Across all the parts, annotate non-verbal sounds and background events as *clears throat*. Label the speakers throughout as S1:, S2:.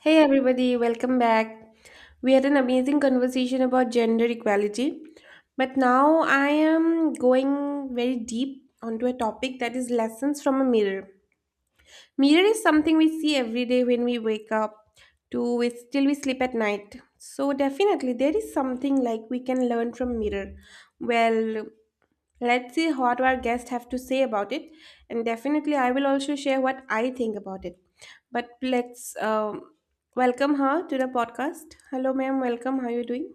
S1: Hey everybody, welcome back. We had an amazing conversation about gender equality, but now I am going very deep onto a topic that is lessons from a mirror. Mirror is something we see every day when we wake up to till we sleep at night. So definitely there is something like we can learn from mirror. Well, let's see what our guests have to say about it, and definitely I will also share what I think about it. But let's welcome her to the podcast. Hello, ma'am. Welcome. How are you doing?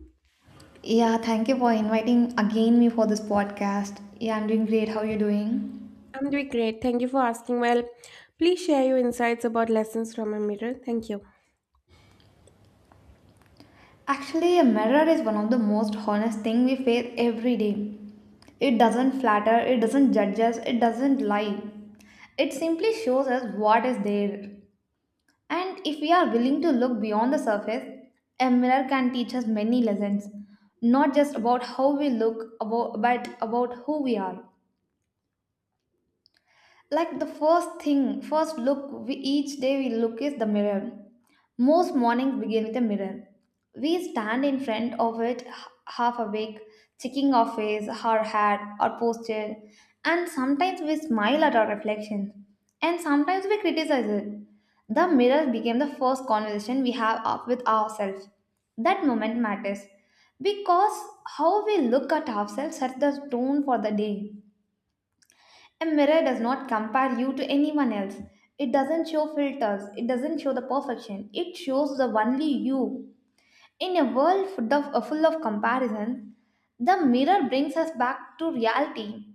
S2: Yeah, thank you for inviting again me for this podcast. Yeah, I'm doing great. How are you doing?
S1: I'm doing great. Thank you for asking. Well, please share your insights about lessons from a mirror. Thank you.
S2: Actually, a mirror is one of the most honest thing we face every day. It doesn't flatter, it doesn't judge us, it doesn't lie. It simply shows us what is there. And if we are willing to look beyond the surface, a mirror can teach us many lessons, not just about how we look, but about who we are. Like the first thing, first look we each day we look is the mirror. Most mornings begin with a mirror. We stand in front of it, half awake, checking our face, our hair, our posture, and sometimes we smile at our reflection, and sometimes we criticize it. The mirror became the first conversation we have up with ourselves. That moment matters, because how we look at ourselves sets the tone for the day. A mirror does not compare you to anyone else. It doesn't show filters. It doesn't show the perfection. It shows the only you. In a world full of, full of comparison, the mirror brings us back to reality.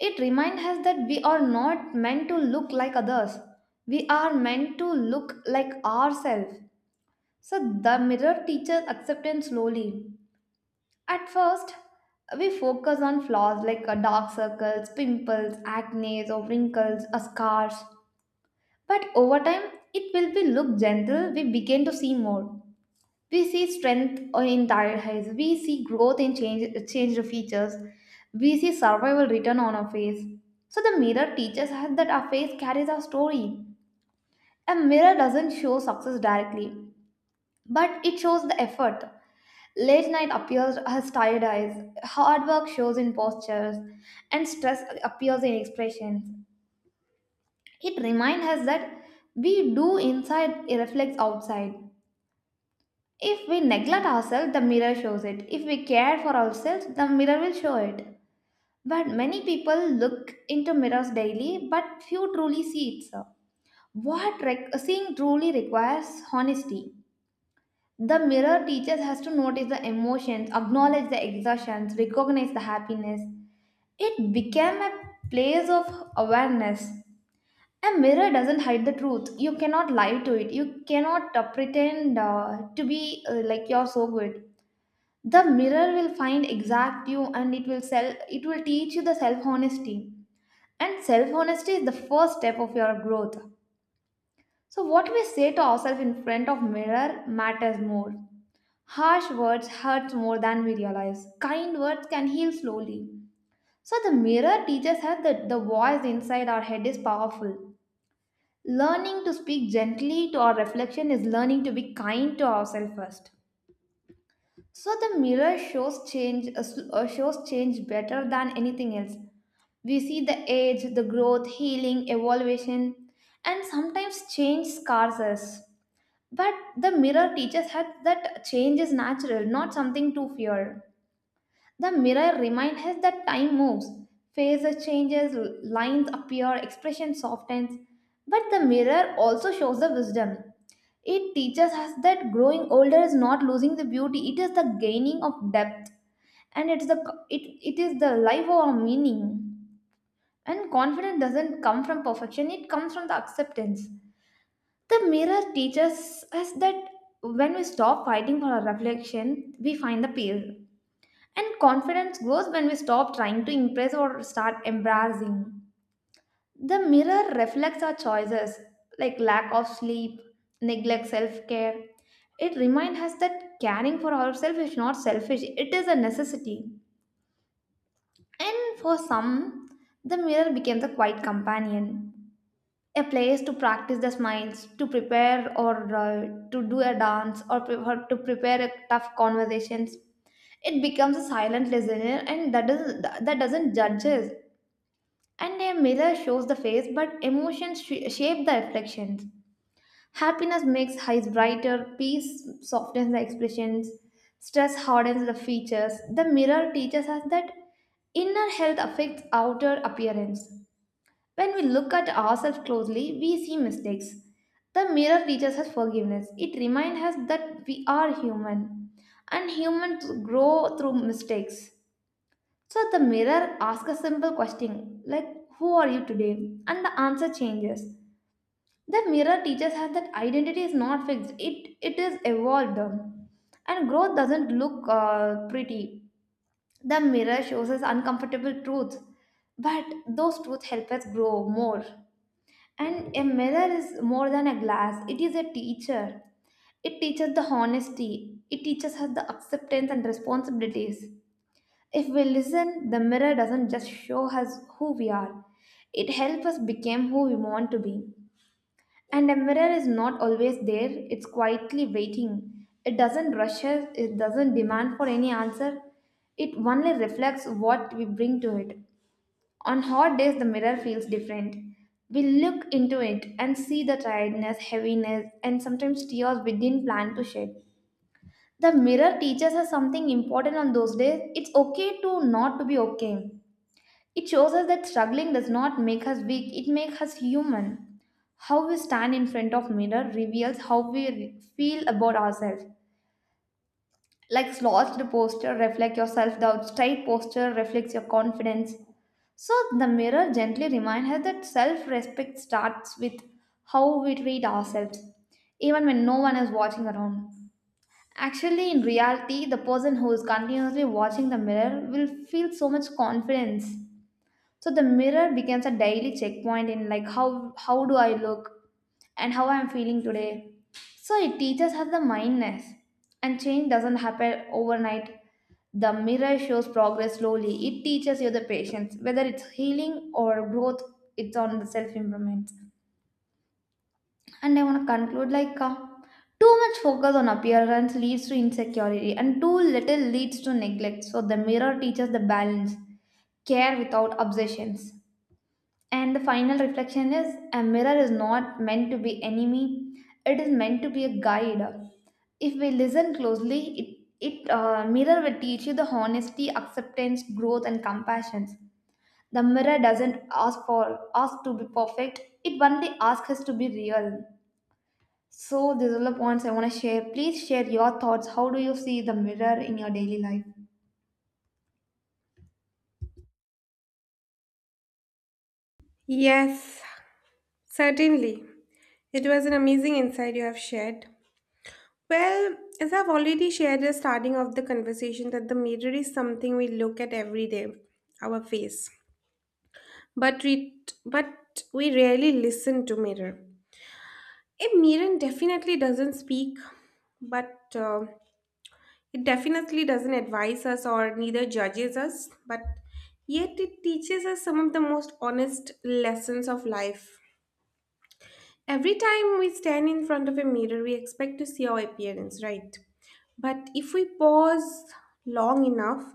S2: It reminds us that we are not meant to look like others. We are meant to look like ourselves. So the mirror teaches acceptance slowly. At first, we focus on flaws like dark circles, pimples, acne, or wrinkles, or scars. But over time, it will be look gentle. We begin to see more. We see strength in tired eyes. We see growth in changed features. We see survival written on our face. So the mirror teaches us that our face carries our story. A mirror doesn't show success directly, but it shows the effort. Late night appears as tired eyes, hard work shows in postures, and stress appears in expressions. It reminds us that we do inside it reflects outside. If we neglect ourselves, the mirror shows it. If we care for ourselves, the mirror will show it. But many people look into mirrors daily, but few truly see it, sir. Seeing truly requires honesty. The mirror teaches us to notice the emotions, acknowledge the exertions, recognize the happiness. It became a place of awareness. A mirror doesn't hide the truth. You cannot lie to it. You cannot pretend to be like you're so good. The mirror will find exact you and it will sell it will teach you the self honesty. And self honesty is the first step of your growth. So what we say to ourselves in front of mirror matters more. Harsh words hurt more than we realize. Kind words can heal slowly. So, the mirror teaches us that the voice inside our head is powerful. Learning to speak gently to our reflection is learning to be kind to ourselves first. So, the mirror shows change, shows change better than anything else. We see the age, the growth, healing, evolution, and sometimes change scars us. But the mirror teaches us that change is natural, not something to fear. The mirror reminds us that time moves, faces changes, lines appear, expression softens. But the mirror also shows the wisdom. It teaches us that growing older is not losing the beauty, it is the gaining of depth, and it's the it is the life of our meaning. And confidence doesn't come from perfection, it comes from the acceptance. The mirror teaches us that when we stop fighting for our reflection, we find the peace. And confidence grows when we stop trying to impress or start embracing. The mirror reflects our choices, like lack of sleep, neglect self care. It reminds us that caring for ourselves is not selfish, it is a necessity. And for some, the mirror becomes a quiet companion, a place to practice the smiles, to prepare or to do a dance, or to prepare a tough conversations. It becomes a silent listener, and that doesn't judge us. And a mirror shows the face, but emotions shape the reflections. Happiness makes eyes brighter, peace softens the expressions, stress hardens the features. The mirror teaches us that inner health affects outer appearance. When we look at ourselves closely, we see mistakes. The mirror teaches us forgiveness. It reminds us that we are human, and humans grow through mistakes. So the mirror asks a simple question like, who are you today? And the answer changes. The mirror teaches us that identity is not fixed, it is evolved. And growth doesn't look pretty. The mirror shows us uncomfortable truths, but those truths help us grow more. And a mirror is more than a glass, it is a teacher. It teaches the honesty, it teaches us the acceptance and responsibilities. If we listen, the mirror doesn't just show us who we are, it helps us become who we want to be. And a mirror is not always there, it's quietly waiting. It doesn't rush us, it doesn't demand for any answer, it only reflects what we bring to it. On hot days, the mirror feels different. We look into it and see the tiredness, heaviness, and sometimes tears we didn't plan to shed. The mirror teaches us something important on those days. It's okay to not to be okay. It shows us that struggling does not make us weak, it makes us human. How we stand in front of mirror reveals how we feel about ourselves. Like slouched posture reflects your self-doubt, straight posture reflects your confidence. So the mirror gently reminds her that self-respect starts with how we treat ourselves, even when no one is watching around. Actually, in reality, the person who is continuously watching the mirror will feel so much confidence. So the mirror becomes a daily checkpoint, in like how do I look, and how I'm feeling today. So it teaches us the mindness. And change doesn't happen overnight. The mirror shows progress slowly, it teaches you the patience, whether it's healing or growth. It's on the self improvement. And I want to conclude, like too much focus on appearance leads to insecurity, and too little leads to neglect. So the mirror teaches the balance, care without obsessions. And the final reflection is a mirror is not meant to be enemy, it is meant to be a guide. If we listen closely, it mirror will teach you the honesty, acceptance, growth, and compassion. The mirror doesn't ask for us to be perfect; it only asks us to be real. So these are the points I want to share. Please share your thoughts. How do you see the mirror in your daily life?
S1: Yes, certainly. It was an amazing insight you have shared. Well, as I've already shared at the starting of the conversation, that the mirror is something we look at every day, our face. But we rarely listen to mirror. A mirror definitely doesn't speak, but it definitely doesn't advise us or neither judges us. But yet it teaches us some of the most honest lessons of life. Every time we stand in front of a mirror, we expect to see our appearance, right? But if we pause long enough,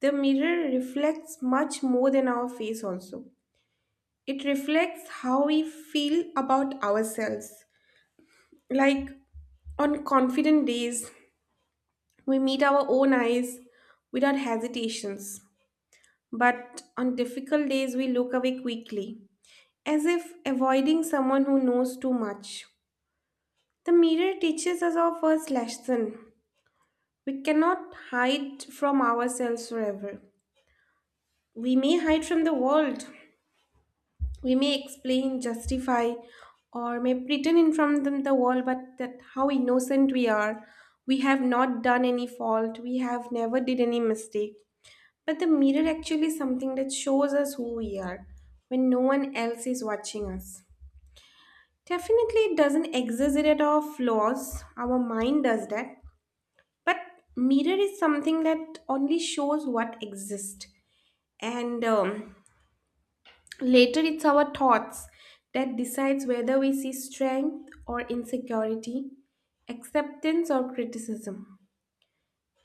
S1: the mirror reflects much more than our face, also. It reflects how we feel about ourselves. Like on confident days, we meet our own eyes without hesitations. But on difficult days, we look away quickly, as if avoiding someone who knows too much. The mirror teaches us our first lesson. We cannot hide from ourselves forever. We may hide from the world. We may explain, justify, or may pretend in front of the world, but that how innocent we are. We have not done any fault. We have never did any mistake. But the mirror actually is something that shows us who we are when no one else is watching us. Definitely, it doesn't exaggerate our flaws. Our mind does that. But mirror is something that only shows what exists, and later it's our thoughts that decides whether we see strength or insecurity, acceptance or criticism,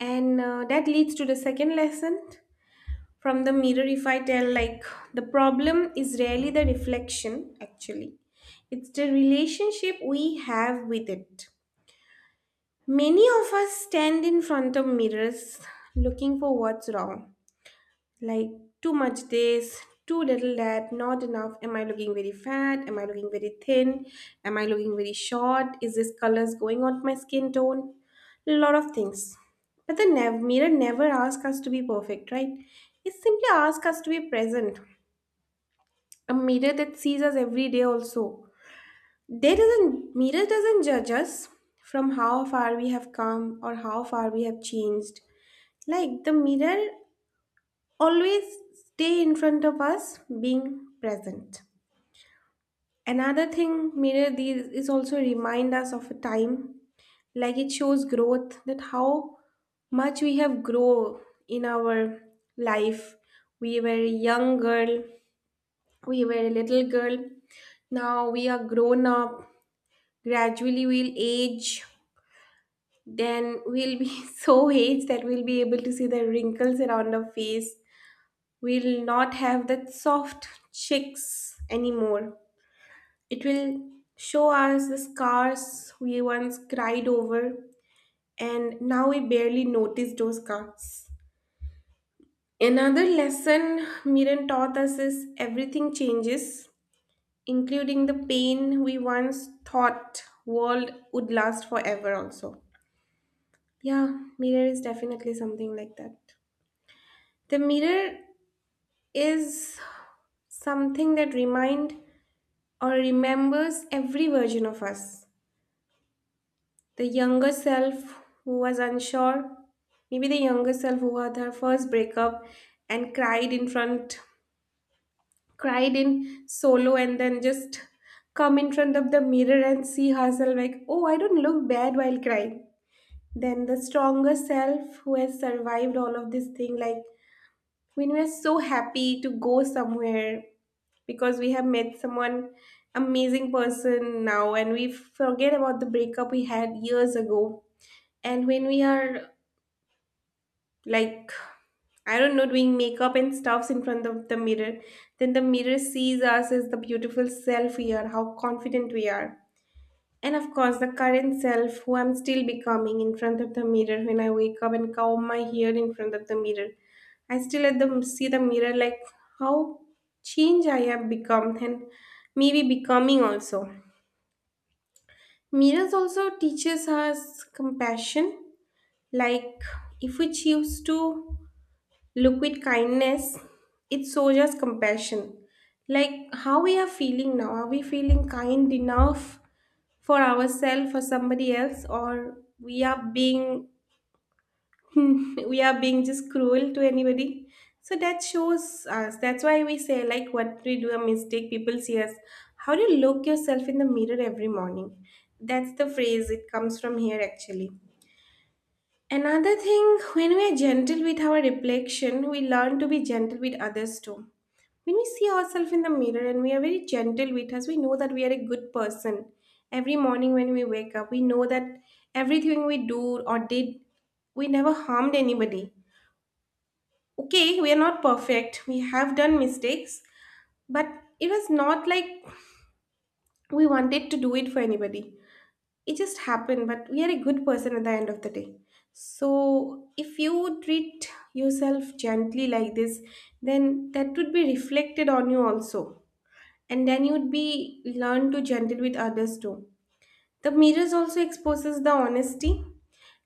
S1: and that leads to the second lesson from the mirror. If I tell like the problem is rarely the reflection, actually, it's the relationship we have with it. Many of us stand in front of mirrors looking for what's wrong, like too much this, too little that, not enough. Am I looking very fat? Am I looking very thin? Am I looking very short? Is this colors going on my skin tone? A lot of things, but mirror never asks us to be perfect, right? It simply asks us to be present. A mirror that sees us every day also, they doesn't mirror doesn't judge us from how far we have come or how far we have changed. Like the mirror always stay in front of us, being present. Another thing, mirror these is also remind us of a time, like it shows growth, that how much we have grown in our life. We were a young girl, we were a little girl, now we are grown up. Gradually, we'll age, then we'll be *laughs* so aged that we'll be able to see the wrinkles around our face. We'll not have that soft chicks anymore. It will show us the scars we once cried over, and now we barely notice those scars. Another lesson Miran taught us is everything changes, including the pain we once thought world would last forever also. Yeah, mirror is definitely something like that. The mirror is something that remind or remembers every version of us. The younger self who was unsure, maybe the younger self who had her first breakup and cried in front, cried in solo, and then just come in front of the mirror and see herself like, oh, I don't look bad while crying. Then the stronger self who has survived all of this thing, like when we're so happy to go somewhere because we have met someone amazing person now and we forget about the breakup we had years ago, and when we are like, I don't know, doing makeup and stuffs in front of the mirror, then the mirror sees us as the beautiful self we are, how confident we are. And of course, the current self who I'm still becoming in front of the mirror when I wake up and comb my hair in front of the mirror. I still at the see the mirror like how change I have become and maybe becoming also. Mirrors also teaches us compassion. Like if we choose to look with kindness, it shows us compassion. Like how we are feeling now. Are we feeling kind enough for ourselves, for somebody else, or we are being *laughs* we are being just cruel to anybody? So that shows us, that's why we say like what we do a mistake, people see us. How do you look yourself in the mirror every morning? That's the phrase, it comes from here actually. Another thing, when we are gentle with our reflection, we learn to be gentle with others too. When we see ourselves in the mirror and we are very gentle with us, we know that we are a good person. Every morning when we wake up, we know that everything we do or did, we never harmed anybody. Okay, we are not perfect. We have done mistakes, but it was not like we wanted to do it for anybody. It just happened, but we are a good person at the end of the day. So, if you treat yourself gently like this, then that would be reflected on you also, and then you'd be learn to gentle with others too. The mirrors also exposes the honesty.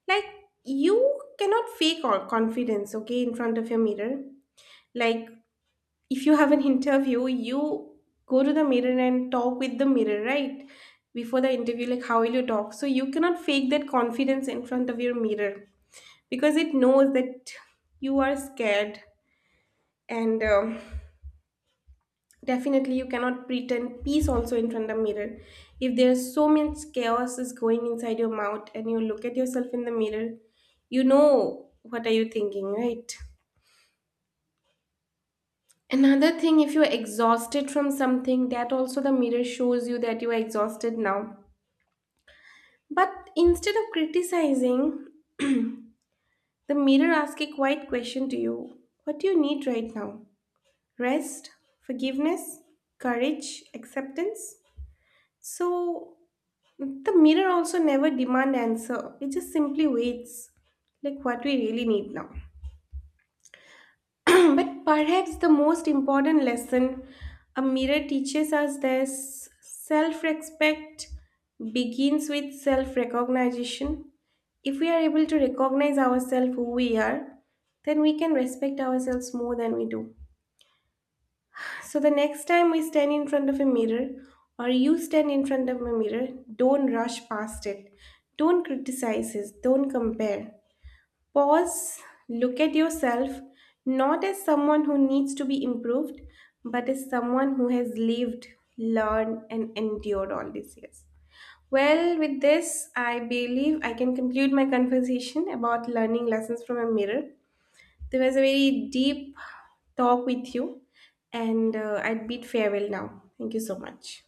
S1: Like, you cannot fake all confidence, okay, in front of your mirror. Like if you have an interview, you go to the mirror and talk with the mirror, right? Before the interview, like how will you talk. So you cannot fake that confidence in front of your mirror because it knows that you are scared. And definitely you cannot pretend peace also in front of mirror. If there's so much chaos is going inside your mouth and you look at yourself in the mirror, you know what are you thinking, right? Another thing, if you're exhausted from something, that also the mirror shows you that you are exhausted now. But instead of criticizing, the mirror asks a quiet question to you: what do you need right now? Rest? Forgiveness? Courage? Acceptance? So the mirror also never demand answer. It just simply waits, like what we really need now. *clears throat* But perhaps the most important lesson a mirror teaches us is self-respect begins with self-recognition. If we are able to recognize ourselves who we are, then we can respect ourselves more than we do. So the next time we stand in front of a mirror or you stand in front of a mirror, don't rush past it. Don't criticize it. Don't compare. Pause, look at yourself, not as someone who needs to be improved, but as someone who has lived, learned, and endured all these years. Well, with this, I believe I can conclude my conversation about learning lessons from a mirror. There was a very deep talk with you, and I'd bid farewell now. Thank you so much.